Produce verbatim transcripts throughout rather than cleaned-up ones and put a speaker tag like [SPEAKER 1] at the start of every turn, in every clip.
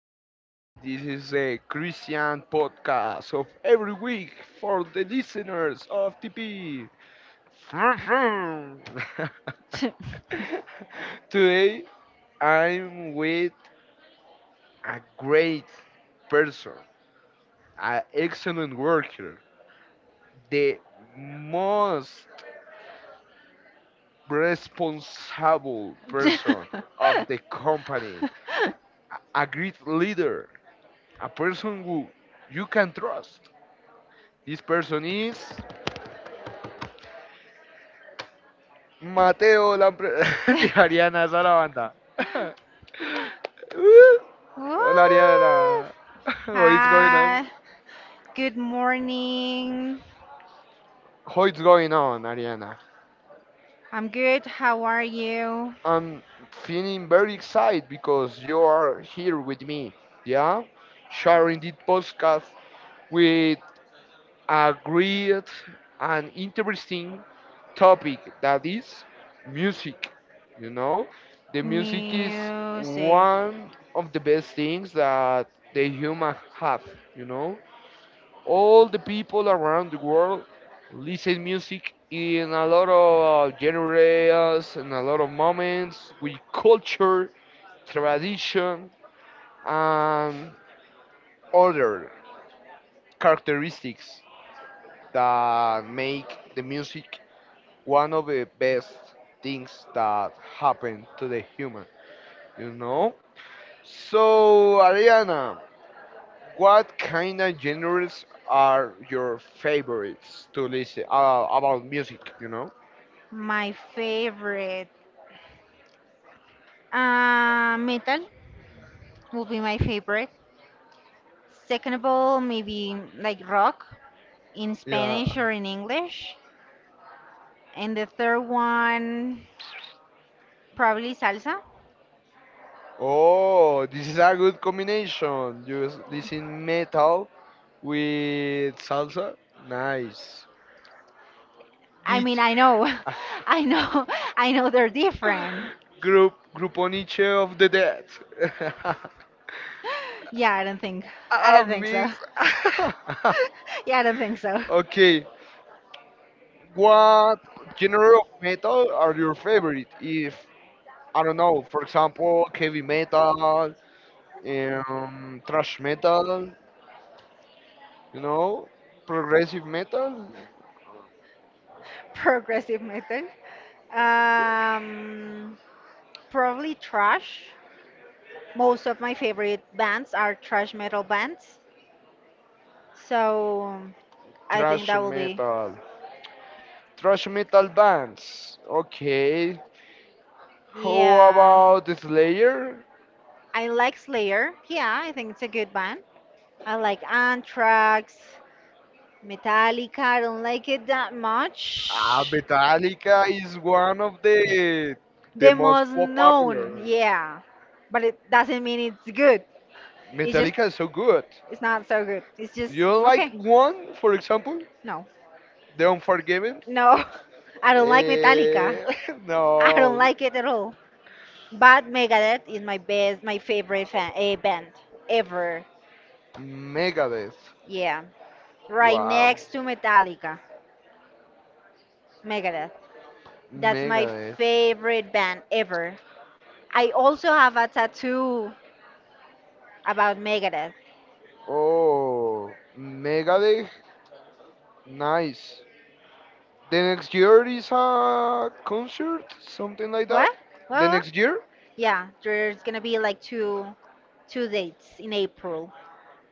[SPEAKER 1] everybody. This is a Christian podcast of every week for the listeners of T P. Today, I'm with a great person, an excellent worker, the most responsible person of the company, a great leader, a person who you can trust. This person is Mateo Lampre. Ariana, esa es la banda. Hola,
[SPEAKER 2] Woo!
[SPEAKER 1] Ariana. What's going on?
[SPEAKER 2] Hi. Good morning.
[SPEAKER 1] What's going on, Ariana?
[SPEAKER 2] I'm good. How are you?
[SPEAKER 1] I'm feeling very excited because you are here with me. Yeah? Sharing this podcast with a great and interesting topic that is music you know the music is
[SPEAKER 2] Music.
[SPEAKER 1] one of the best things that the human have you know all the people around the world listen music in a lot of genres and a lot of moments with culture, tradition, and other characteristics that make the music one of the best things that happen to the human, you know? So, Ariana, what kind of genres are your favorites to listen uh, about music, you know?
[SPEAKER 2] My favorite. Uh, metal will be my favorite. Second of all, maybe like rock in Spanish
[SPEAKER 1] Yeah.
[SPEAKER 2] or in English. And the third one, probably salsa.
[SPEAKER 1] Oh, this is a good combination. You s- listen metal with salsa. Nice.
[SPEAKER 2] I mean,
[SPEAKER 1] Dich.
[SPEAKER 2] I know, I know, I know they're different.
[SPEAKER 1] Group Gruponiche of the Dead.
[SPEAKER 2] Yeah, I don't think, I
[SPEAKER 1] A
[SPEAKER 2] don't think so.
[SPEAKER 1] mix.
[SPEAKER 2] Yeah, I don't think so.
[SPEAKER 1] Okay, what genre of metal are your favorite? If I don't know, for example, heavy metal, um, thrash metal, you know, progressive metal,
[SPEAKER 2] Progressive metal. Um, Probably trash. Most of my favorite bands are trash metal bands. So I think
[SPEAKER 1] thrash
[SPEAKER 2] that will be.
[SPEAKER 1] metal, thrash metal bands. Okay, how
[SPEAKER 2] Yeah.
[SPEAKER 1] about Slayer?
[SPEAKER 2] I like Slayer. Yeah, I think it's a good band. I like Anthrax. Metallica, I don't like it that
[SPEAKER 1] Ah,
[SPEAKER 2] much.
[SPEAKER 1] Metallica is one of the the
[SPEAKER 2] The
[SPEAKER 1] most
[SPEAKER 2] most
[SPEAKER 1] pop
[SPEAKER 2] known,
[SPEAKER 1] popular.
[SPEAKER 2] yeah. But it doesn't mean it's good. It's just,
[SPEAKER 1] Metallica is so good.
[SPEAKER 2] it's not so good. It's just,
[SPEAKER 1] You like
[SPEAKER 2] okay.
[SPEAKER 1] one, for example,
[SPEAKER 2] No,
[SPEAKER 1] The Unforgiven?
[SPEAKER 2] no. I don't like Metallica.
[SPEAKER 1] Eh,
[SPEAKER 2] I don't
[SPEAKER 1] no,
[SPEAKER 2] like it at all. But Megadeth is my best, my favorite fan, a band ever.
[SPEAKER 1] Megadeth.
[SPEAKER 2] Yeah. Right
[SPEAKER 1] Wow,
[SPEAKER 2] next to Metallica, Megadeth. That's my
[SPEAKER 1] Megadeth.
[SPEAKER 2] favorite band ever. I also have a tattoo about Megadeth.
[SPEAKER 1] Oh, Megadeth, nice. The next year is a concert, something like that.
[SPEAKER 2] What?
[SPEAKER 1] The
[SPEAKER 2] What? What?
[SPEAKER 1] next year,
[SPEAKER 2] Yeah, there's gonna be like two two dates in April,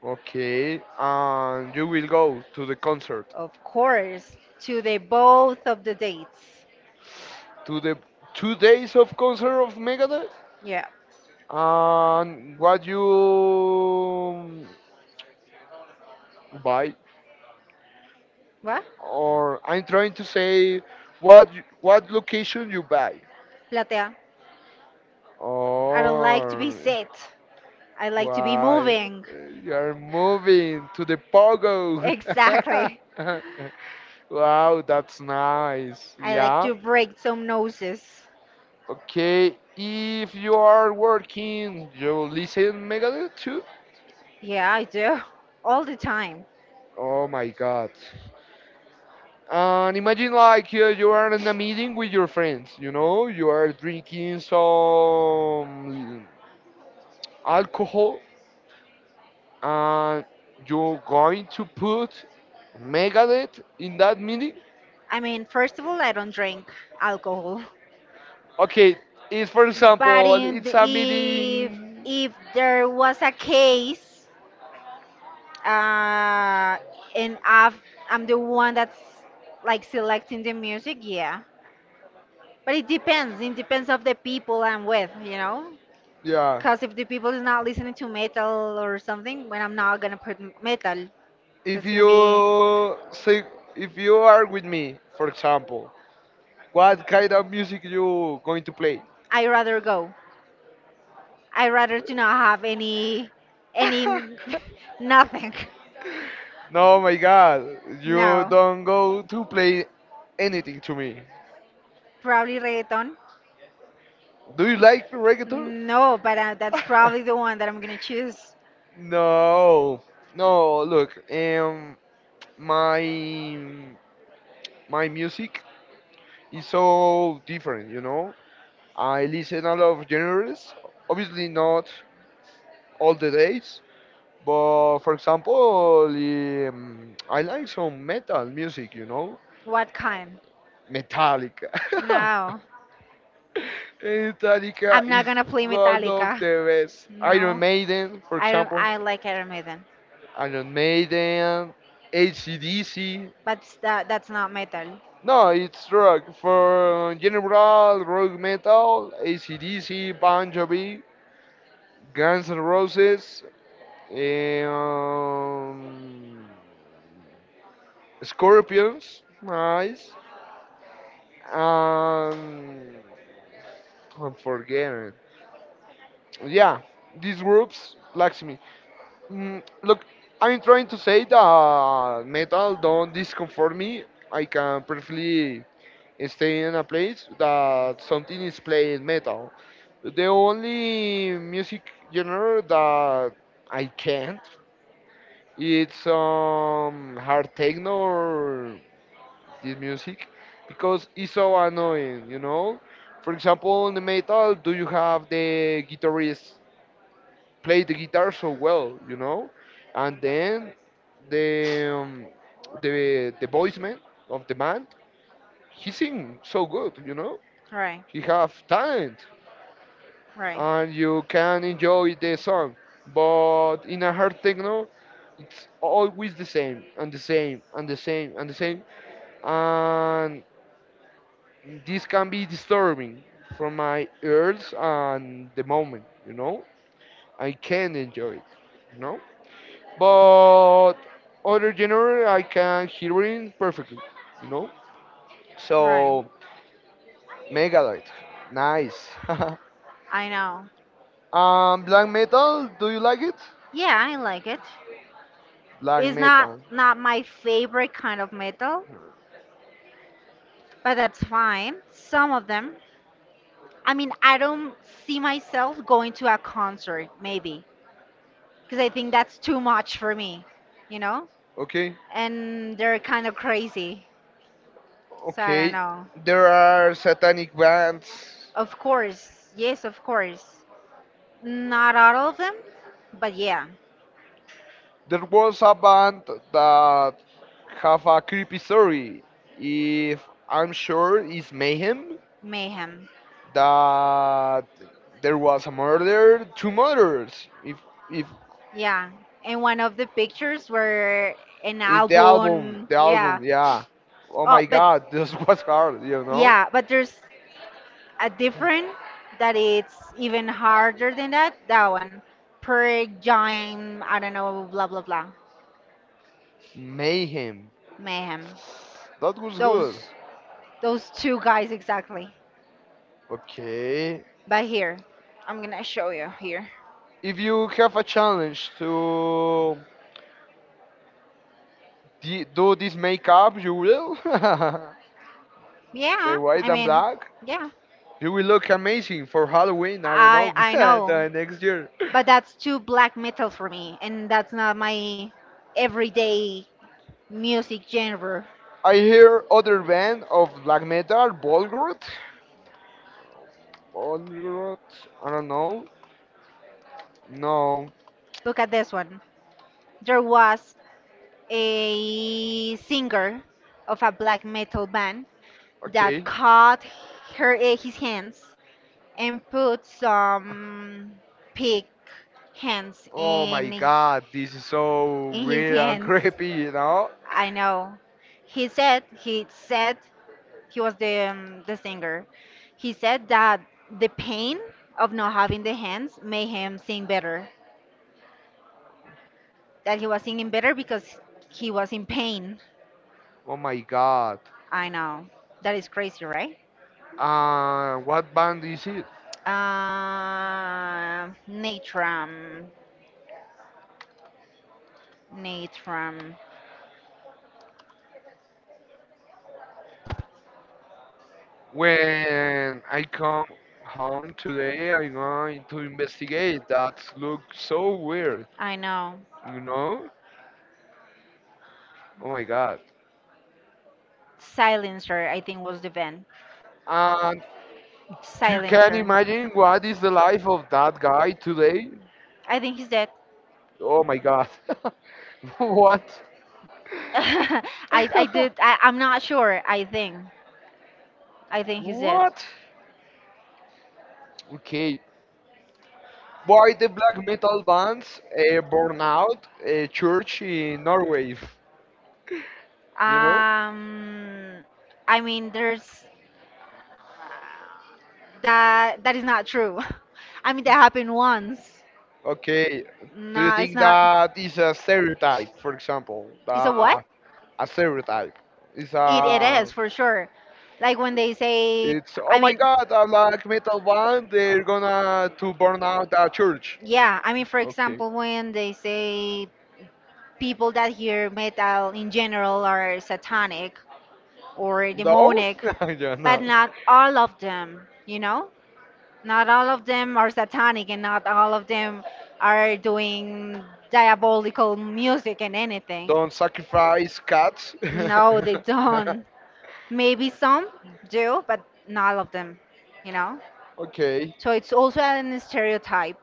[SPEAKER 1] okay, and you will go to the concert,
[SPEAKER 2] of course, to the both of the dates.
[SPEAKER 1] to the two days of concert of Megadeth.
[SPEAKER 2] Yeah.
[SPEAKER 1] And what you buy?
[SPEAKER 2] What?
[SPEAKER 1] Or I'm trying to say what you- what location you buy,
[SPEAKER 2] Platea. I don't like to be
[SPEAKER 1] or
[SPEAKER 2] sit. I like to be
[SPEAKER 1] why
[SPEAKER 2] moving.
[SPEAKER 1] you're moving to the pogo.
[SPEAKER 2] Exactly.
[SPEAKER 1] Wow, that's nice.
[SPEAKER 2] I like
[SPEAKER 1] Yeah.
[SPEAKER 2] to break some noses.
[SPEAKER 1] Okay, if you are working, you listen Megadeth too.
[SPEAKER 2] Yeah, I do. All the time.
[SPEAKER 1] Oh my god. And imagine like uh, you are in a meeting with your friends, you know, you are drinking some alcohol and you're going to put Megadeth in that meeting?
[SPEAKER 2] I mean, first of all, I don't drink alcohol.
[SPEAKER 1] Okay, it's for
[SPEAKER 2] But
[SPEAKER 1] example,
[SPEAKER 2] in the,
[SPEAKER 1] it's a
[SPEAKER 2] if
[SPEAKER 1] meeting.
[SPEAKER 2] if there was a case, uh, and I've, I'm the one that's like selecting the music, yeah. But it depends. It depends of the people I'm with, you know.
[SPEAKER 1] Yeah.
[SPEAKER 2] Cause if the people is not listening to metal or something, when I'm not gonna put m- metal,
[SPEAKER 1] If
[SPEAKER 2] that's gonna be.
[SPEAKER 1] you say, if you are with me, for example, what kind of music you going to play?
[SPEAKER 2] I rather go. I rather to not have any any nothing.
[SPEAKER 1] No, my God, you
[SPEAKER 2] No.
[SPEAKER 1] don't go to play anything to me.
[SPEAKER 2] Probably reggaeton.
[SPEAKER 1] Do you like reggaeton?
[SPEAKER 2] No, but uh, that's probably the one that I'm gonna choose.
[SPEAKER 1] No, no. Look, um, my my music is so different. You know, I listen a lot of genres. Obviously, not all the days, but for example, um, I like some metal music. You know,
[SPEAKER 2] What kind?
[SPEAKER 1] Metallica.
[SPEAKER 2] No,
[SPEAKER 1] Metallica
[SPEAKER 2] I'm not
[SPEAKER 1] is
[SPEAKER 2] gonna play
[SPEAKER 1] one of
[SPEAKER 2] Metallica.
[SPEAKER 1] the best. Iron
[SPEAKER 2] No,
[SPEAKER 1] Maiden, for
[SPEAKER 2] I don't.
[SPEAKER 1] example.
[SPEAKER 2] I like Iron Maiden,
[SPEAKER 1] Iron Maiden, A C/D C.
[SPEAKER 2] but s- that that's not metal.
[SPEAKER 1] No, it's rock. For general rock metal, A C D C, Bon Jovi, Guns N' Roses, um, Scorpions, nice. Um, I'm forgetting. Yeah, these groups like me. Mm, look, I'm trying to say that metal don't discomfort me. I can perfectly stay in a place that something is playing metal. The only music genre that I can't it's um hard techno or this music because it's so annoying, you know. For example, in the metal, do you have the guitarist play the guitar so well, you know, and then the um, the the voice man of the band he sing so good, you know.
[SPEAKER 2] Right,
[SPEAKER 1] He have talent
[SPEAKER 2] right,
[SPEAKER 1] and you can enjoy the song. But in a hard techno, it's always the same and the same and the same and the same. And this can be disturbing for my ears and the moment, you know? I can enjoy it, you know? But other genre, I can hear it perfectly, you know?
[SPEAKER 2] right.
[SPEAKER 1] So, Megadeth, nice.
[SPEAKER 2] I know.
[SPEAKER 1] um, black metal, do you like it?
[SPEAKER 2] Yeah, I like it.
[SPEAKER 1] Black
[SPEAKER 2] It's not
[SPEAKER 1] metal.
[SPEAKER 2] not my favorite kind of metal, but that's fine. Some of them. I mean, I don't see myself going to a concert maybe because I think that's too much for me, you know?
[SPEAKER 1] Okay,
[SPEAKER 2] And they're kind of crazy. So I don't
[SPEAKER 1] okay.
[SPEAKER 2] know.
[SPEAKER 1] There are satanic bands.
[SPEAKER 2] Of course. Yes, of course. Not all of them, but yeah,
[SPEAKER 1] There was a band that have a creepy story. If I'm sure it's Mayhem,
[SPEAKER 2] Mayhem.
[SPEAKER 1] that there was a murder, two murders. If if
[SPEAKER 2] Yeah. And one of the pictures were an
[SPEAKER 1] if the album,
[SPEAKER 2] album.
[SPEAKER 1] the
[SPEAKER 2] Yeah.
[SPEAKER 1] album, yeah. Oh
[SPEAKER 2] Oh,
[SPEAKER 1] my
[SPEAKER 2] but
[SPEAKER 1] God, this was hard, you know.
[SPEAKER 2] yeah, but there's a different that it's even harder than that. That one. Per Jime, I don't know, blah blah blah.
[SPEAKER 1] Mayhem.
[SPEAKER 2] Mayhem.
[SPEAKER 1] That was good.
[SPEAKER 2] Those those two guys exactly.
[SPEAKER 1] Okay.
[SPEAKER 2] But here, I'm gonna show you here.
[SPEAKER 1] If you have a challenge to de- do this makeup, you will. The
[SPEAKER 2] Yeah,
[SPEAKER 1] white
[SPEAKER 2] I
[SPEAKER 1] and
[SPEAKER 2] mean,
[SPEAKER 1] black.
[SPEAKER 2] yeah.
[SPEAKER 1] You will look amazing for Halloween. I don't
[SPEAKER 2] I
[SPEAKER 1] know.
[SPEAKER 2] I know.
[SPEAKER 1] The next year.
[SPEAKER 2] But that's too black metal for me, and that's not my everyday music genre.
[SPEAKER 1] I hear other band of black metal, Bolgrot. Bolgrot. I don't know. No.
[SPEAKER 2] Look at this one. There was a singer of a black metal band that
[SPEAKER 1] Okay.
[SPEAKER 2] cut her eh, his hands and put some pig hands
[SPEAKER 1] Oh my
[SPEAKER 2] in
[SPEAKER 1] god, this is so
[SPEAKER 2] in his
[SPEAKER 1] weird and
[SPEAKER 2] hands.
[SPEAKER 1] creepy, you know?
[SPEAKER 2] I know. He said he said he was the um, the singer. He said that the pain of not having the hands made him sing better. That he was singing better because he was in pain.
[SPEAKER 1] Oh my god.
[SPEAKER 2] I know. That is crazy, right?
[SPEAKER 1] Uh, what band is it?
[SPEAKER 2] Uh, Natram. Natram.
[SPEAKER 1] When I come home today, I'm going to investigate. That looks so weird,
[SPEAKER 2] I know.
[SPEAKER 1] you know? Oh my god.
[SPEAKER 2] Silencer, I think, was the band.
[SPEAKER 1] And you can
[SPEAKER 2] Silencer.
[SPEAKER 1] imagine what is the life of that guy today?
[SPEAKER 2] I think he's dead.
[SPEAKER 1] Oh my god. What?
[SPEAKER 2] I, I did. I, I'm not sure. I think. I think he's dead.
[SPEAKER 1] What? Okay. Why the black metal bands uh, burn out a church in Norway? You know?
[SPEAKER 2] Um, I mean, there's. That that is not true. I mean, that happened once.
[SPEAKER 1] Okay. Do you
[SPEAKER 2] No, it's
[SPEAKER 1] think
[SPEAKER 2] not.
[SPEAKER 1] that is a stereotype, for example?
[SPEAKER 2] It's a what?
[SPEAKER 1] Uh, a stereotype. It's
[SPEAKER 2] It, it
[SPEAKER 1] a
[SPEAKER 2] is for sure. Like when they say,
[SPEAKER 1] it's oh
[SPEAKER 2] I
[SPEAKER 1] my
[SPEAKER 2] mean,
[SPEAKER 1] god, a black metal band. They're gonna to burn out a church.
[SPEAKER 2] yeah, I mean, for
[SPEAKER 1] Okay.
[SPEAKER 2] example, when they say people that hear metal in general are satanic or
[SPEAKER 1] No,
[SPEAKER 2] demonic,
[SPEAKER 1] yeah,
[SPEAKER 2] but
[SPEAKER 1] no.
[SPEAKER 2] not all of them, you know? Not all of them are satanic and not all of them are doing diabolical music and anything.
[SPEAKER 1] Don't sacrifice cats.
[SPEAKER 2] No, they don't. Maybe some do, but not all of them, you know?
[SPEAKER 1] Okay.
[SPEAKER 2] So it's also an stereotype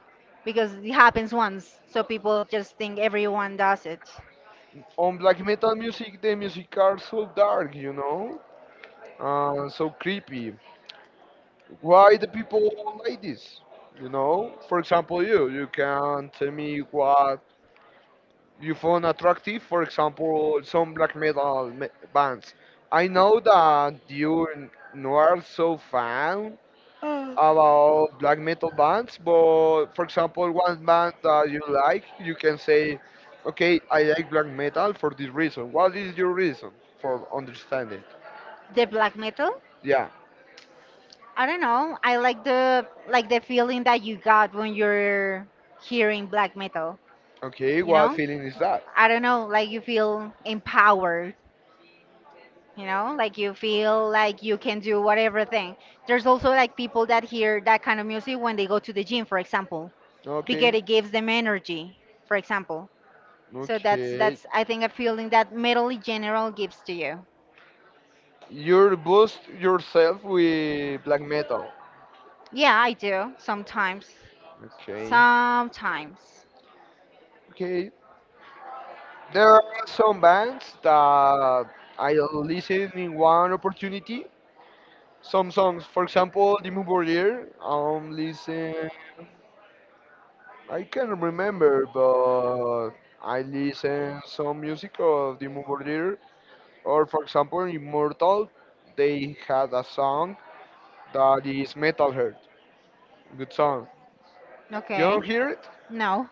[SPEAKER 2] because it happens once. So people just think everyone does it.
[SPEAKER 1] On black metal music, the music are so dark, you know, uh, so creepy. Why the people like this? You know, for example, you you can tell me what you found attractive, for example, some black metal me- bands. I know that you n- no are so fan about black metal bands, but for example, one band that you like, you can say, okay, I like black metal for this reason. What is your reason for understanding?
[SPEAKER 2] The black metal,
[SPEAKER 1] Yeah.
[SPEAKER 2] I don't know. I like the like the feeling that you got when you're hearing black metal,
[SPEAKER 1] Okay,
[SPEAKER 2] you
[SPEAKER 1] what
[SPEAKER 2] know?
[SPEAKER 1] feeling is that?
[SPEAKER 2] I don't know, like you feel empowered, you know, like you feel like you can do whatever thing. There's also like people that hear that kind of music when they go to the gym, for example, because
[SPEAKER 1] Okay.
[SPEAKER 2] it gives them energy, for example. So that's
[SPEAKER 1] Okay.
[SPEAKER 2] that's I think a feeling that middle general gives to you.
[SPEAKER 1] You boost yourself with black metal.
[SPEAKER 2] Yeah, I do sometimes.
[SPEAKER 1] Okay.
[SPEAKER 2] Sometimes.
[SPEAKER 1] Okay. There are some bands that I listen in one opportunity. Some songs, for example, the Bombardier, I'm listen. I can't remember, but I listen some music of the Bombardier. Or for example, Immortal, they had a song that is Metal Heart. Good song. You
[SPEAKER 2] Okay.
[SPEAKER 1] don't hear it?
[SPEAKER 2] No.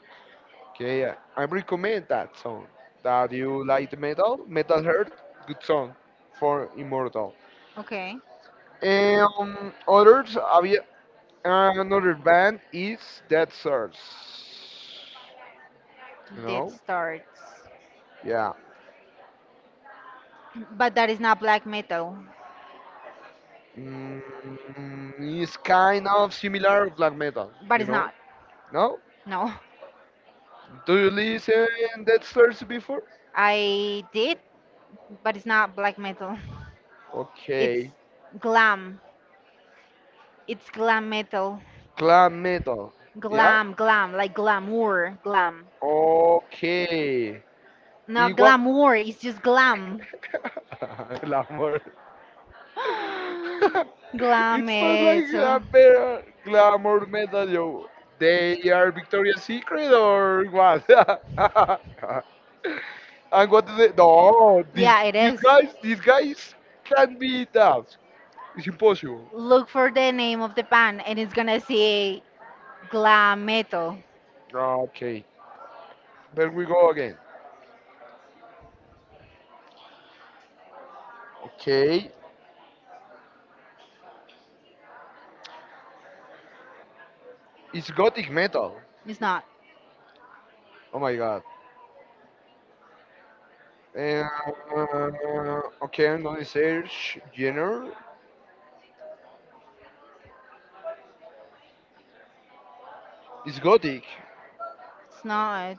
[SPEAKER 1] Okay, I I recommend that song. That you like the metal, Metal Heart, good song for Immortal.
[SPEAKER 2] Okay.
[SPEAKER 1] Um, others, había, another band is Dead Source. You
[SPEAKER 2] Dead
[SPEAKER 1] know?
[SPEAKER 2] starts.
[SPEAKER 1] Yeah.
[SPEAKER 2] But that is not black metal.
[SPEAKER 1] Mm, it's kind of similar black metal,
[SPEAKER 2] But
[SPEAKER 1] you
[SPEAKER 2] it's
[SPEAKER 1] know?
[SPEAKER 2] not.
[SPEAKER 1] No?
[SPEAKER 2] No.
[SPEAKER 1] Do you listen Dead Source before?
[SPEAKER 2] I did, but it's not black metal. It's
[SPEAKER 1] Okay.
[SPEAKER 2] glam. It's glam metal.
[SPEAKER 1] Glam metal. Yeah?
[SPEAKER 2] Glam, glam, like glamour, glam.
[SPEAKER 1] Okay.
[SPEAKER 2] Not
[SPEAKER 1] Igual.
[SPEAKER 2] glamour, it's just glam.
[SPEAKER 1] Glamour.
[SPEAKER 2] Glam
[SPEAKER 1] It's not like
[SPEAKER 2] it.
[SPEAKER 1] a pair glamour medal. Yo. They are Victoria's Secret or what? And what do they? No, these
[SPEAKER 2] Yeah, it
[SPEAKER 1] these
[SPEAKER 2] is.
[SPEAKER 1] guys these guys can't be that. It's impossible.
[SPEAKER 2] Look for the name of the band and it's gonna say glam metal.
[SPEAKER 1] Ah, okay, there we go again. Okay, it's gothic metal.
[SPEAKER 2] It's not.
[SPEAKER 1] Oh my god. Uh, okay, I'm gonna search genre. It's gothic.
[SPEAKER 2] It's not.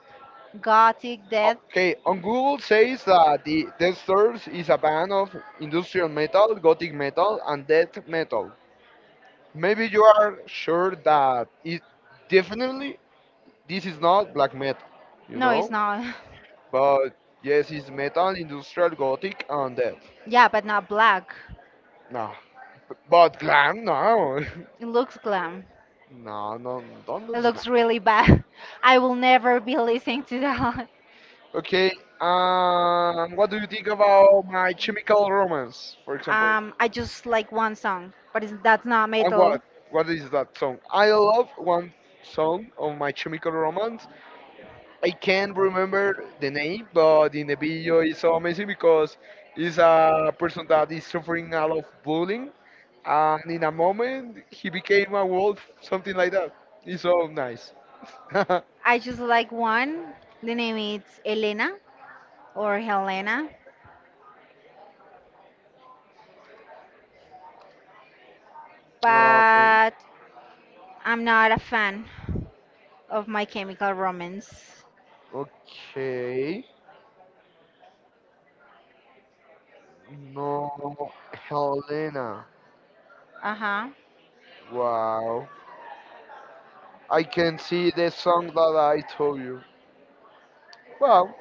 [SPEAKER 2] Gothic death.
[SPEAKER 1] Okay, on Google says that the death Stars is a band of industrial metal, gothic metal, and death metal. Maybe you are sure that it definitely this is not black metal, you
[SPEAKER 2] No, it's
[SPEAKER 1] know?
[SPEAKER 2] not.
[SPEAKER 1] But yes, it's metal, industrial, gothic, and death.
[SPEAKER 2] Yeah, but not black.
[SPEAKER 1] No, but glam, no,
[SPEAKER 2] It looks glam.
[SPEAKER 1] no, no, don't do
[SPEAKER 2] It
[SPEAKER 1] glam.
[SPEAKER 2] looks really bad. I will never be listening to that.
[SPEAKER 1] Okay, um, what do you think about My Chemical Romance, for example?
[SPEAKER 2] Um, I just like one song, but it's, that's not
[SPEAKER 1] And what?
[SPEAKER 2] metal.
[SPEAKER 1] What is that song? I love one song of My Chemical Romance. I can't remember the name, but in the video it's so amazing because it's a person that is suffering a lot of bullying, and in a moment he became a wolf, something like that. It's so nice. Okay.
[SPEAKER 2] I just like one. The name is Elena or Helena. But I'm not a fan of My Chemical Romance.
[SPEAKER 1] Okay. No, Helena.
[SPEAKER 2] Uh huh.
[SPEAKER 1] Wow. I can see the song that I told you. Wow,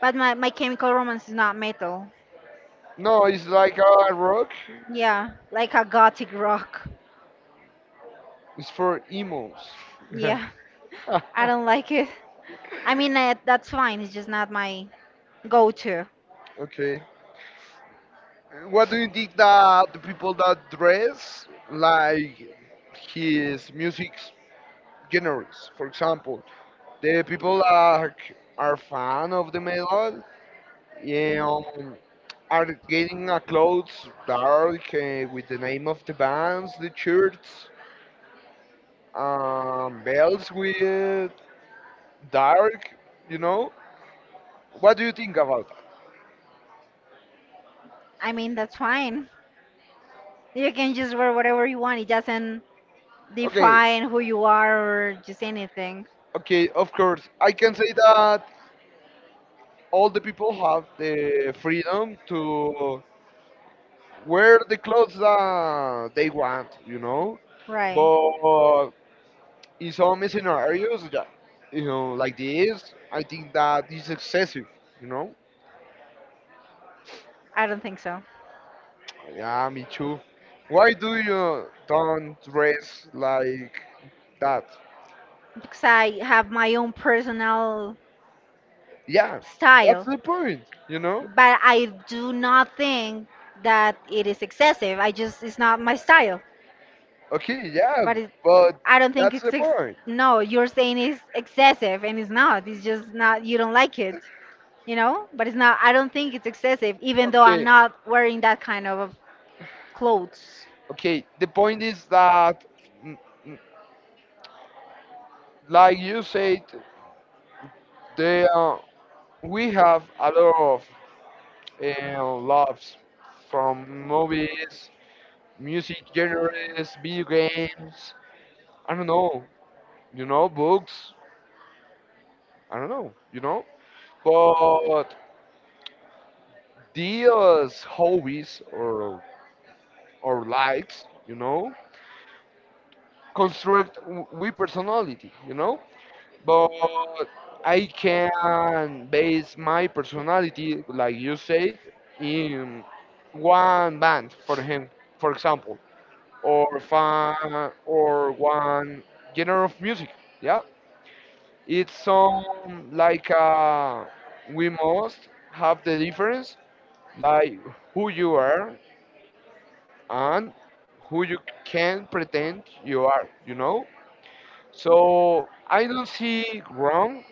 [SPEAKER 2] But my, my Chemical Romance is not metal.
[SPEAKER 1] no, it's like a rock.
[SPEAKER 2] Yeah, like a gothic rock.
[SPEAKER 1] It's for emos.
[SPEAKER 2] Yeah, I don't like it. I mean, uh, that's fine. It's just not my go to.
[SPEAKER 1] Okay. What do you think that the people that dress like his music genres? For example, the people that are fan of the metal, yeah, are getting a clothes dark uh, with the name of the bands, the shirts, um, belts with dark. You know, what do you think about?
[SPEAKER 2] I mean, that's fine. You can just wear whatever you want, it doesn't
[SPEAKER 1] Okay,
[SPEAKER 2] define who you are or just anything.
[SPEAKER 1] okay, of course. I can say that all the people have the freedom to wear the clothes that they want, you know?
[SPEAKER 2] Right.
[SPEAKER 1] But in some scenarios, yeah, you know, like this, I think that is excessive, you know?
[SPEAKER 2] I don't think so.
[SPEAKER 1] Yeah, me too. Why do you don't dress like that?
[SPEAKER 2] Because I have my own personal
[SPEAKER 1] Yeah, that's
[SPEAKER 2] style.
[SPEAKER 1] the point, you know?
[SPEAKER 2] But I do not think that it is excessive. I just it's not my style.
[SPEAKER 1] Okay, yeah,
[SPEAKER 2] But it,
[SPEAKER 1] but
[SPEAKER 2] I don't think
[SPEAKER 1] that's
[SPEAKER 2] it's
[SPEAKER 1] the
[SPEAKER 2] ex-
[SPEAKER 1] point.
[SPEAKER 2] no. You're saying it's excessive, and it's not. It's just not. You don't like it, you know. But it's not. I don't think it's excessive, even though I'm
[SPEAKER 1] Okay,
[SPEAKER 2] not wearing that kind of clothes.
[SPEAKER 1] okay, the point is that, mm, mm, like you said, the, uh, we have a lot of uh, loves from movies, music genres, video games. I don't know, you know, books. I don't know, you know. But these hobbies or or likes, you know, construct w- we personality, you know. But I can base my personality, like you said, in one band for him, for example, or fan, or one genre of music. Yeah, it's some like uh, we must have the difference, like who you are and who you can pretend you are. You know, so I don't see wrong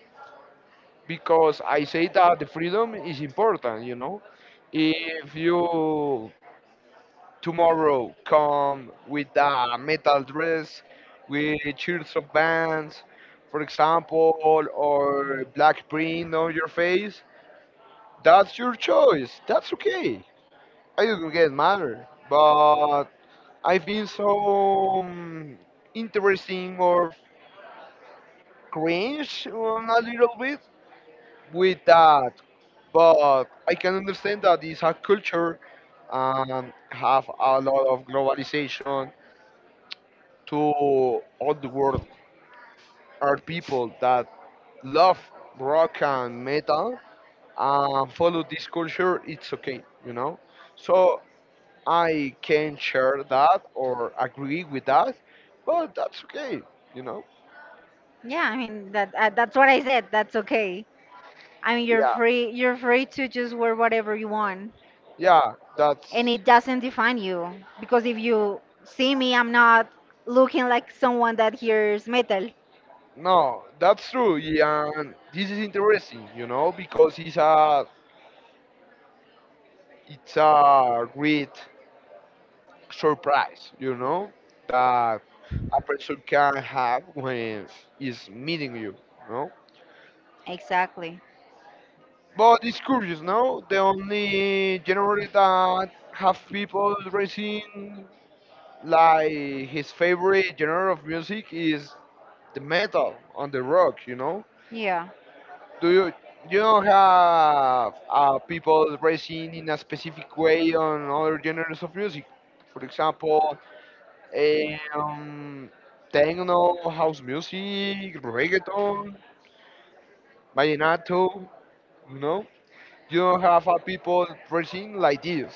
[SPEAKER 1] because I say that the freedom is important, you know. If you tomorrow come with a metal dress, with shirts of bands, for example, or black print on your face, that's your choice. That's okay. I don't get mad, but I think so um, interesting or cringe um, a little bit with that, but I can understand that it's a culture and have a lot of globalization to all the world. Are people that love rock and metal and follow this culture, it's okay, you know. So I can share that or agree with that, but that's okay, you know.
[SPEAKER 2] Yeah, I mean that. Uh, that's what I said. That's okay. I mean, you're
[SPEAKER 1] Yeah,
[SPEAKER 2] free. You're free to just wear whatever you want,
[SPEAKER 1] yeah,
[SPEAKER 2] and
[SPEAKER 1] that's...
[SPEAKER 2] it doesn't define you. Because if you see me, I'm not looking like someone that hears metal.
[SPEAKER 1] No, that's true, yeah. And this is interesting, you know, because it's a it's a great surprise, you know, that a person can have when is meeting you, no?
[SPEAKER 2] Exactly.
[SPEAKER 1] But it's curious, no? The only genre that have people raising like his favorite genre of music is the metal on the rock, you know?
[SPEAKER 2] Yeah,
[SPEAKER 1] Do you you don't have uh, people racing in a specific way on other genres of music? For example, Eh, Um, techno, house music, reggaeton, vallenato. You know, you don't have a people dressing like this.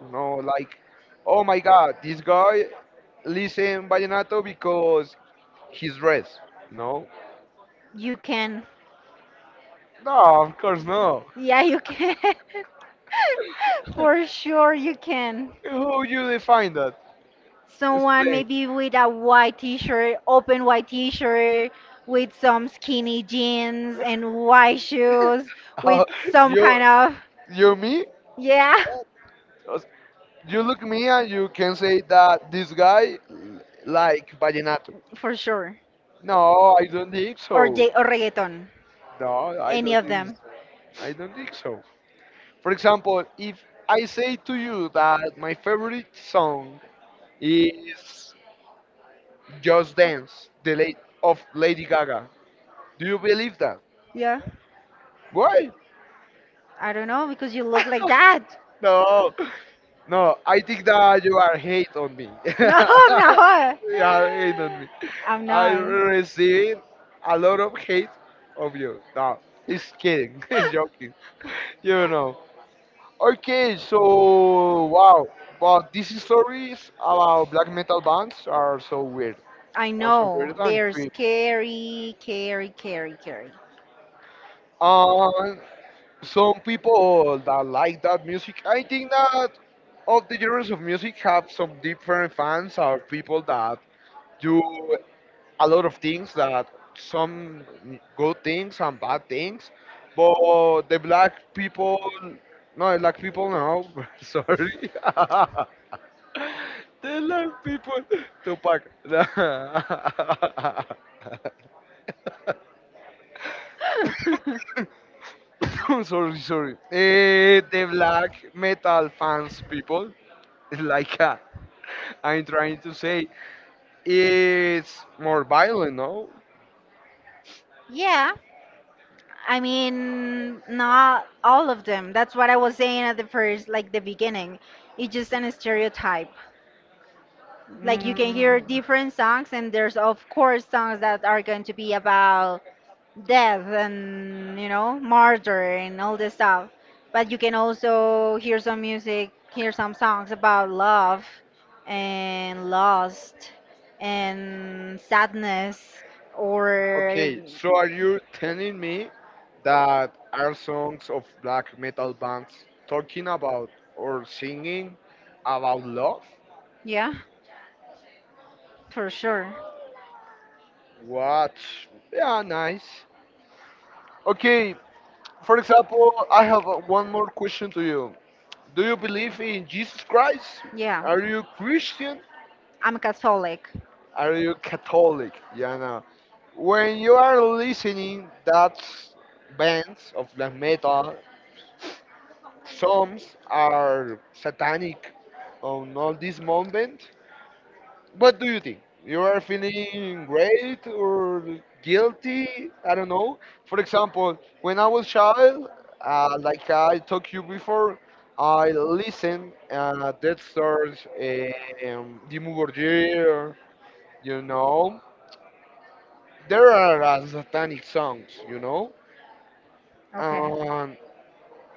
[SPEAKER 1] You know, like, oh my God, this guy listen vallenato because he's dressed. You know,
[SPEAKER 2] you can.
[SPEAKER 1] no, of course no.
[SPEAKER 2] Yeah, you can. For sure, you can.
[SPEAKER 1] Who you define that?
[SPEAKER 2] Someone
[SPEAKER 1] Explain.
[SPEAKER 2] maybe with a white t-shirt, open white t-shirt, with some skinny jeans and white shoes, with some
[SPEAKER 1] you,
[SPEAKER 2] kind of
[SPEAKER 1] you me?
[SPEAKER 2] yeah.
[SPEAKER 1] You look me and you can say that this guy like vallenato.
[SPEAKER 2] For sure.
[SPEAKER 1] No, I don't think
[SPEAKER 2] Or
[SPEAKER 1] so.
[SPEAKER 2] J or reggaeton.
[SPEAKER 1] No, I
[SPEAKER 2] Any
[SPEAKER 1] don't
[SPEAKER 2] of
[SPEAKER 1] think
[SPEAKER 2] them.
[SPEAKER 1] so. I don't think so. For example, if I say to you that my favorite song is Just Dance, the late of Lady Gaga, do you believe that?
[SPEAKER 2] Yeah.
[SPEAKER 1] Why?
[SPEAKER 2] I don't know because you look like that.
[SPEAKER 1] No, no. I think that you are hate on me.
[SPEAKER 2] No, I'm not.
[SPEAKER 1] You are hate on me.
[SPEAKER 2] I'm
[SPEAKER 1] I
[SPEAKER 2] not.
[SPEAKER 1] receive a lot of hate of you. No, it's kidding. It's joking. You know. Okay, so wow, but these stories about black metal bands are so weird,
[SPEAKER 2] I
[SPEAKER 1] are so weird
[SPEAKER 2] know.
[SPEAKER 1] and
[SPEAKER 2] They're
[SPEAKER 1] creepy.
[SPEAKER 2] scary, scary, scary, scary.
[SPEAKER 1] And some people that like that music, I think that all the genres of music have some different fans or people that do a lot of things that some good things and bad things, but the black people, no, black people, no, sorry. They love people. Tupac. Sorry, sorry. Eh, the black metal fans people, like uh, I'm trying to say, it's more violent, no?
[SPEAKER 2] Yeah. I mean, not all of them. That's what I was saying at the first, like the beginning. It's just an stereotype. Like you can hear
[SPEAKER 1] Mm,
[SPEAKER 2] different songs, and there's of course songs that are going to be about death and you know murder and all this stuff. But you can also hear some music, hear some songs about love and lost and sadness or
[SPEAKER 1] okay, so are you telling me that are songs of black metal bands talking about or singing about love?
[SPEAKER 2] yeah. For sure.
[SPEAKER 1] What? Yeah, nice. Okay, for example, I have uh, one more question to you. Do you believe in Jesus Christ?
[SPEAKER 2] Yeah,
[SPEAKER 1] Are you Christian?
[SPEAKER 2] I'm Catholic,
[SPEAKER 1] Are you Catholic? Yeah, no. When you are listening that bands of black metal, some are satanic on all this moment. What do you think? You are feeling great or guilty? I don't know. For example, when I was child, uh, like I talked you before, I listened uh, Dead Stars, um, Dimmu Borgir, you know. There are uh, satanic songs, you know. Um,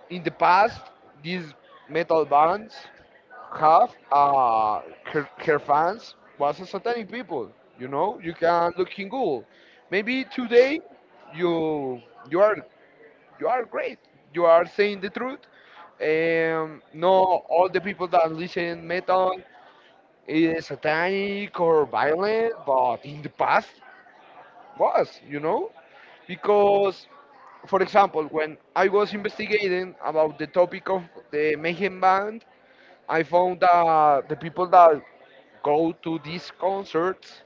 [SPEAKER 1] in the past, these metal bands half uh, her, her fans was a satanic people. You know, you can look in Google. Maybe today you you are you are great. You are saying the truth. Um, no, all the people that listen metal is satanic or violent, but in the past was, you know, because for example, when I was investigating about the topic of the Mayhem band, I found that the people that go to these concerts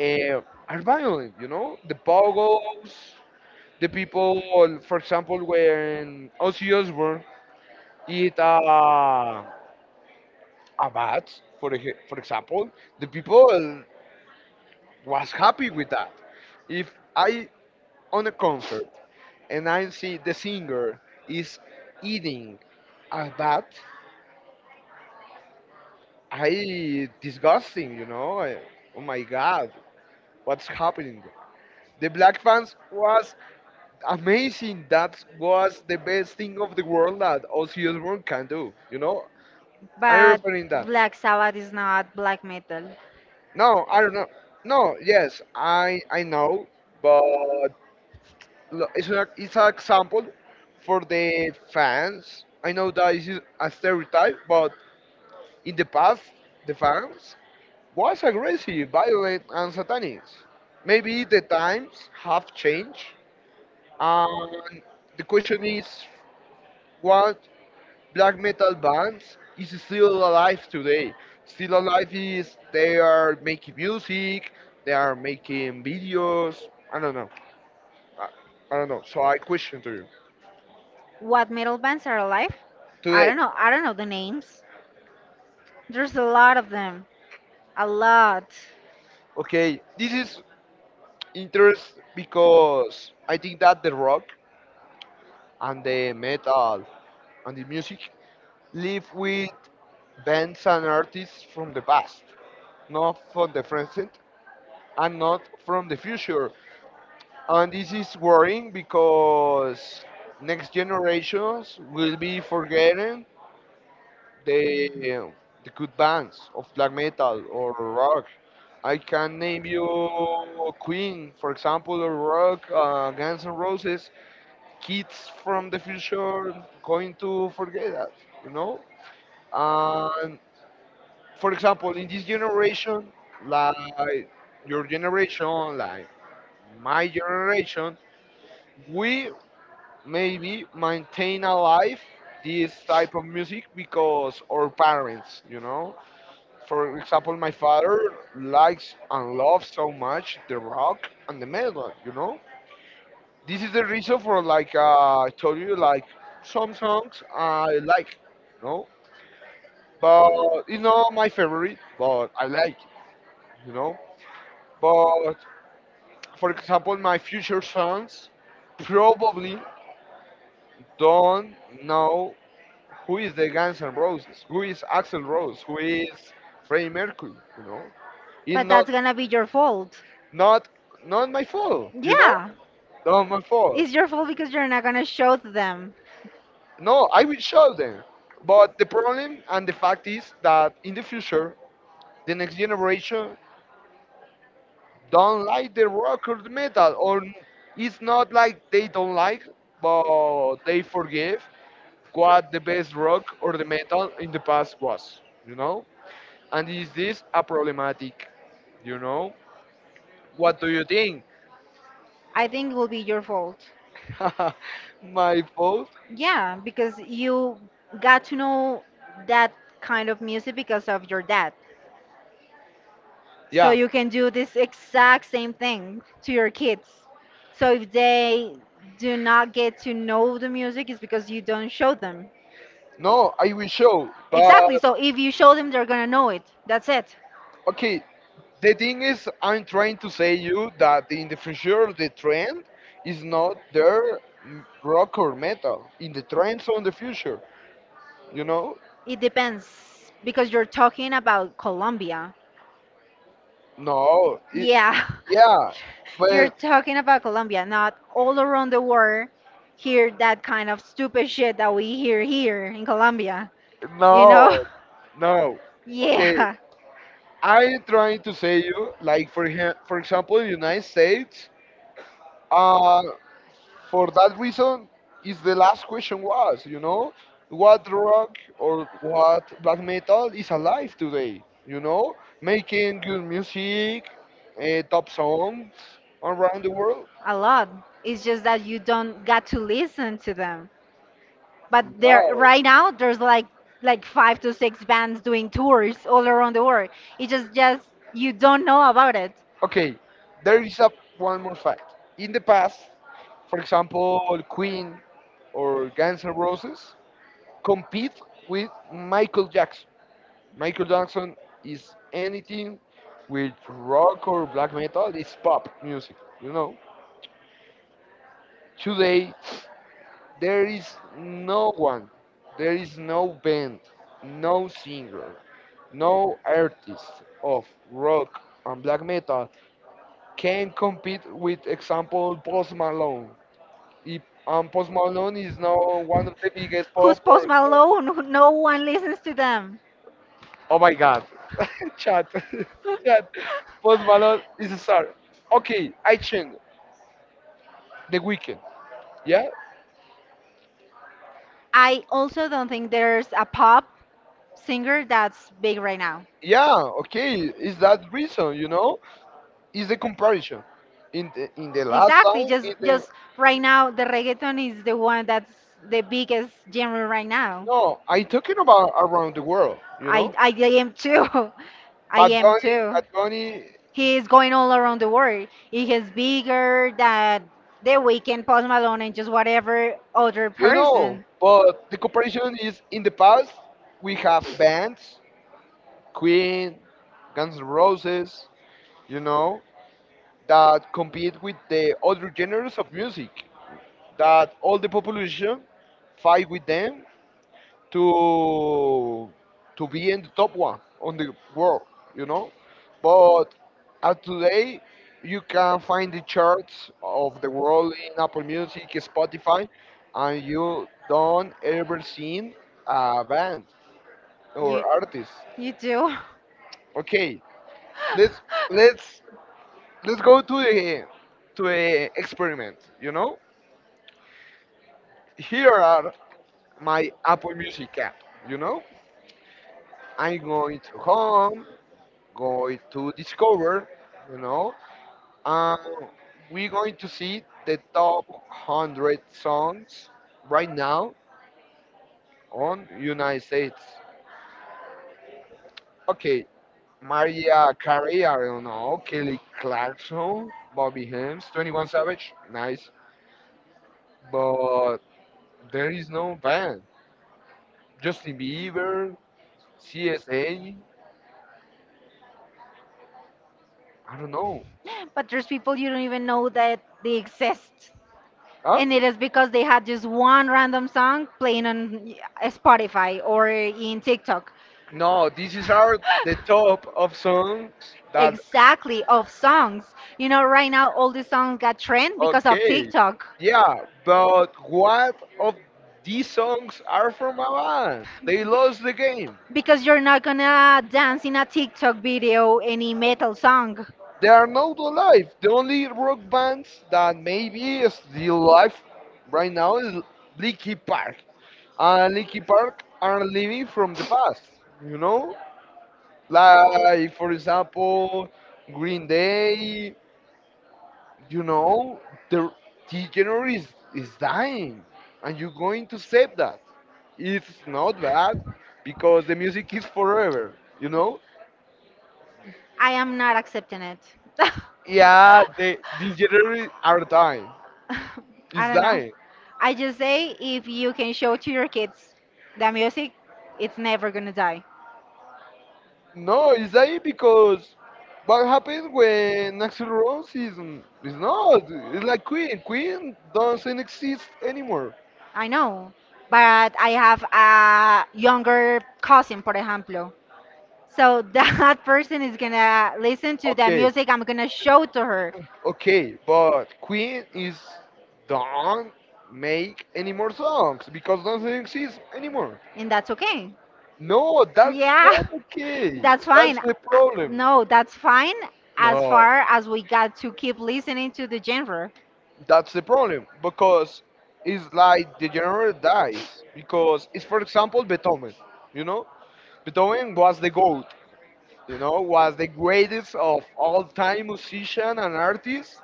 [SPEAKER 1] uh, are violent, you know? The pogos, the people, for example, when Ozzy Osbourne eat a, a bat, for, ex- for example, the people was happy with that. If I on a concert and I see the singer is eating a bat, I disgusting, you know? I... oh my God, what's happening? The black fans was amazing. That was the best thing of the world that Ozzy Osbourne can do. You know, I'm
[SPEAKER 2] but
[SPEAKER 1] referring that.
[SPEAKER 2] Black Sabbath is not black metal.
[SPEAKER 1] No, I don't know. No, yes, I I know, but lo- it's an it's an example for the fans. I know that this is a stereotype, but in the past, the fans was aggressive, violent, and satanic. Maybe the times have changed, and the question is, what black metal bands is still alive today. Still alive is they are making music, they are making videos. I don't know. I, I don't know. So I question to you
[SPEAKER 2] What metal bands are alive? I
[SPEAKER 1] today.
[SPEAKER 2] don't know. I don't know the names. There's a lot of them, a lot.
[SPEAKER 1] Okay, this is interest because I think that the rock and the metal and the music live with bands and artists from the past, not from the present and not from the future. And this is worrying because next generations will be forgetting the the good bands of black metal or rock. I can name you Queen, for example, or rock, uh, Guns N' Roses. Kids from the future going to forget that, you know. And for example, in this generation, like your generation, like my generation, we maybe maintain alive this type of music because our parents, you know. For example, my father likes and loves so much the rock and the metal, you know. This is the reason for like uh, I told you, like some songs I like, you know, but it's not my favorite, but I like it, you know. But for example, my future sons probably don't know who is the Guns N' Roses, who is Axel Rose, who is Freddie Mercury, you know? It's
[SPEAKER 2] But
[SPEAKER 1] not
[SPEAKER 2] that's gonna be your fault.
[SPEAKER 1] not not my fault, you know?
[SPEAKER 2] Yeah,
[SPEAKER 1] Not my fault.
[SPEAKER 2] it's your fault because you're not gonna show to them.
[SPEAKER 1] No, I will show them. But the problem and the fact is that in the future, the next generation don't like the rock or the metal, or it's not like they don't like, but they forgive what the best rock or the metal in the past was, you know? And is this a problematic, you know? What do you think?
[SPEAKER 2] I think it will be your fault.
[SPEAKER 1] My fault?
[SPEAKER 2] Yeah, because you got to know that kind of music because of your dad. So
[SPEAKER 1] Yeah.
[SPEAKER 2] you can do this exact same thing to your kids. So if they do not get to know the music, it's because you don't show them.
[SPEAKER 1] No, I will show.
[SPEAKER 2] Exactly.
[SPEAKER 1] But
[SPEAKER 2] So if you show them, they're gonna know it. That's it.
[SPEAKER 1] okay, the thing is, I'm trying to say you that in the future the trend is not there m- rock or metal in the trends on the future. You know?
[SPEAKER 2] It depends because you're talking about Colombia.
[SPEAKER 1] No. It,
[SPEAKER 2] Yeah.
[SPEAKER 1] yeah,
[SPEAKER 2] You're
[SPEAKER 1] but
[SPEAKER 2] talking about Colombia, not all around the world hear that kind of stupid shit that we hear here in Colombia. You know?
[SPEAKER 1] no, no. Okay,
[SPEAKER 2] Yeah,
[SPEAKER 1] I'm trying to say you like for him, for example, United States. Uh, for that reason is the last question was, you know, what rock or what black metal is alive today, you know, making good music, uh, top songs around the world.
[SPEAKER 2] a lot. It's just that you don't got to listen to them. But there
[SPEAKER 1] Wow.
[SPEAKER 2] right now there's like like five to six bands doing tours all around the world. It's just just you don't know about it.
[SPEAKER 1] Okay, there is a one more fact in the past, for example, Queen or Guns N' Roses compete with Michael Jackson. Michael Jackson is anything with rock or black metal, it's pop music, you know. Today, there is no one, there is no band, no singer, no artist of rock and black metal can compete with example Post Malone. If, um, Post Malone is now one of the biggest pop
[SPEAKER 2] Who's Post
[SPEAKER 1] or...
[SPEAKER 2] Malone? Who- No one listens to them.
[SPEAKER 1] Oh my God. Chat. Chat. Post Malone is a star. Okay, I change. The Weekend. Yeah?
[SPEAKER 2] I also don't think there's a pop singer that's big right now.
[SPEAKER 1] Yeah, okay. Is that reason, you know? Is the comparison. In the, in the last
[SPEAKER 2] Exactly.
[SPEAKER 1] time, in
[SPEAKER 2] Just
[SPEAKER 1] the...
[SPEAKER 2] just right now, the reggaeton is the one that's the biggest genre right now.
[SPEAKER 1] No, I talking about around the world, you
[SPEAKER 2] I
[SPEAKER 1] know?
[SPEAKER 2] I am too. I
[SPEAKER 1] Bad
[SPEAKER 2] am
[SPEAKER 1] Bunny,
[SPEAKER 2] too.
[SPEAKER 1] Bad Bunny,
[SPEAKER 2] He is going all around the world. He is bigger than The weekend. Post Malone, and just whatever other
[SPEAKER 1] you know.
[SPEAKER 2] person.
[SPEAKER 1] But the comparison is in the past, we have bands, Queen, Guns N' Roses, you know? That compete with the other genres of music, that all the population fight with them to to be in the top one on the world, you know. But at today, you can find the charts of the world in Apple Music, Spotify, and you don't ever seen a band or
[SPEAKER 2] You
[SPEAKER 1] artist.
[SPEAKER 2] you do.
[SPEAKER 1] Okay, let's let's let's go to the to the experiment, you know. Here are my Apple Music app. You know, I'm going to home, going to discover, you know, and we're going to see the top one hundred songs right now on United States. Okay, Maria Carey, I don't know, Kelly Clarkson, Bobby Hems, twenty-one Savage, nice, but there is no band. Justin Bieber, C S A, I don't know.
[SPEAKER 2] But there's people you don't even know that they exist.
[SPEAKER 1] Huh?
[SPEAKER 2] And it is because they had just one random song playing on uh, Spotify or in TikTok.
[SPEAKER 1] No, this is our the top of songs that...
[SPEAKER 2] Exactly, of songs. You know, right now all these songs got trend because of
[SPEAKER 1] Okay.
[SPEAKER 2] TikTok.
[SPEAKER 1] Yeah, but what of these songs are from a band? They lost the game.
[SPEAKER 2] Because you're not gonna dance in a TikTok video any metal song.
[SPEAKER 1] They are not alive. The only rock bands that maybe is still alive right now is Linkin Park. And Linkin Park are living from the past, you know? Like for example, Green Day, you know, the teacher is, is dying, and you're going to save that. It's not bad because the music is forever, you know?
[SPEAKER 2] I am not accepting it.
[SPEAKER 1] Yeah, the degenerates are dying.
[SPEAKER 2] I
[SPEAKER 1] It's
[SPEAKER 2] don't know.
[SPEAKER 1] dying.
[SPEAKER 2] I just say if you can show to your kids that music, it's never gonna die.
[SPEAKER 1] No, it's dying because what happens when Axel Rose is, is not? It's like Queen. Queen doesn't exist anymore.
[SPEAKER 2] I know, but I have a younger cousin, por ejemplo. So that person is gonna listen to the
[SPEAKER 1] Okay,
[SPEAKER 2] music I'm gonna show to her,
[SPEAKER 1] okay, but Queen is don't make any more songs because doesn't exist anymore.
[SPEAKER 2] and that's okay.
[SPEAKER 1] No, that's not
[SPEAKER 2] Yeah,
[SPEAKER 1] okay.
[SPEAKER 2] that's fine.
[SPEAKER 1] That's
[SPEAKER 2] Uh,
[SPEAKER 1] the problem.
[SPEAKER 2] No, that's fine as
[SPEAKER 1] No,
[SPEAKER 2] far as we got to keep listening to the genre.
[SPEAKER 1] that's the problem because it's like the genre dies because it's for example Beethoven. You know, Beethoven was the goat. You know, was the greatest of all time musician and artist.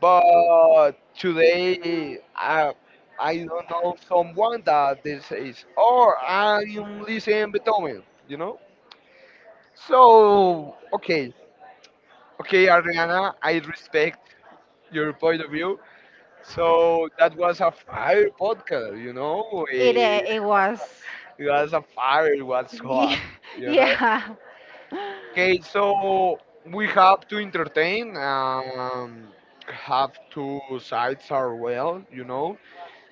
[SPEAKER 1] But today, I, I don't know someone that this is, or I'm listening Beethoven, you know? So, okay, okay, Ariana, I respect your point of view. So that was a fire podcast, you know?
[SPEAKER 2] It uh,
[SPEAKER 1] It
[SPEAKER 2] it was.
[SPEAKER 1] it was a fire, it was
[SPEAKER 2] Yeah.
[SPEAKER 1] hot, you know?
[SPEAKER 2] Yeah.
[SPEAKER 1] Okay, so we have to entertain, um, have two sides are well, you know?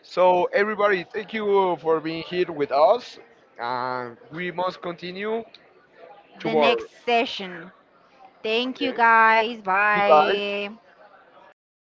[SPEAKER 1] So, everybody, thank you for being here with us. And we must continue
[SPEAKER 2] The
[SPEAKER 1] tomorrow.
[SPEAKER 2] next session. Thank you
[SPEAKER 1] Okay.
[SPEAKER 2] guys.
[SPEAKER 1] Goodbye.
[SPEAKER 2] Bye. Bye.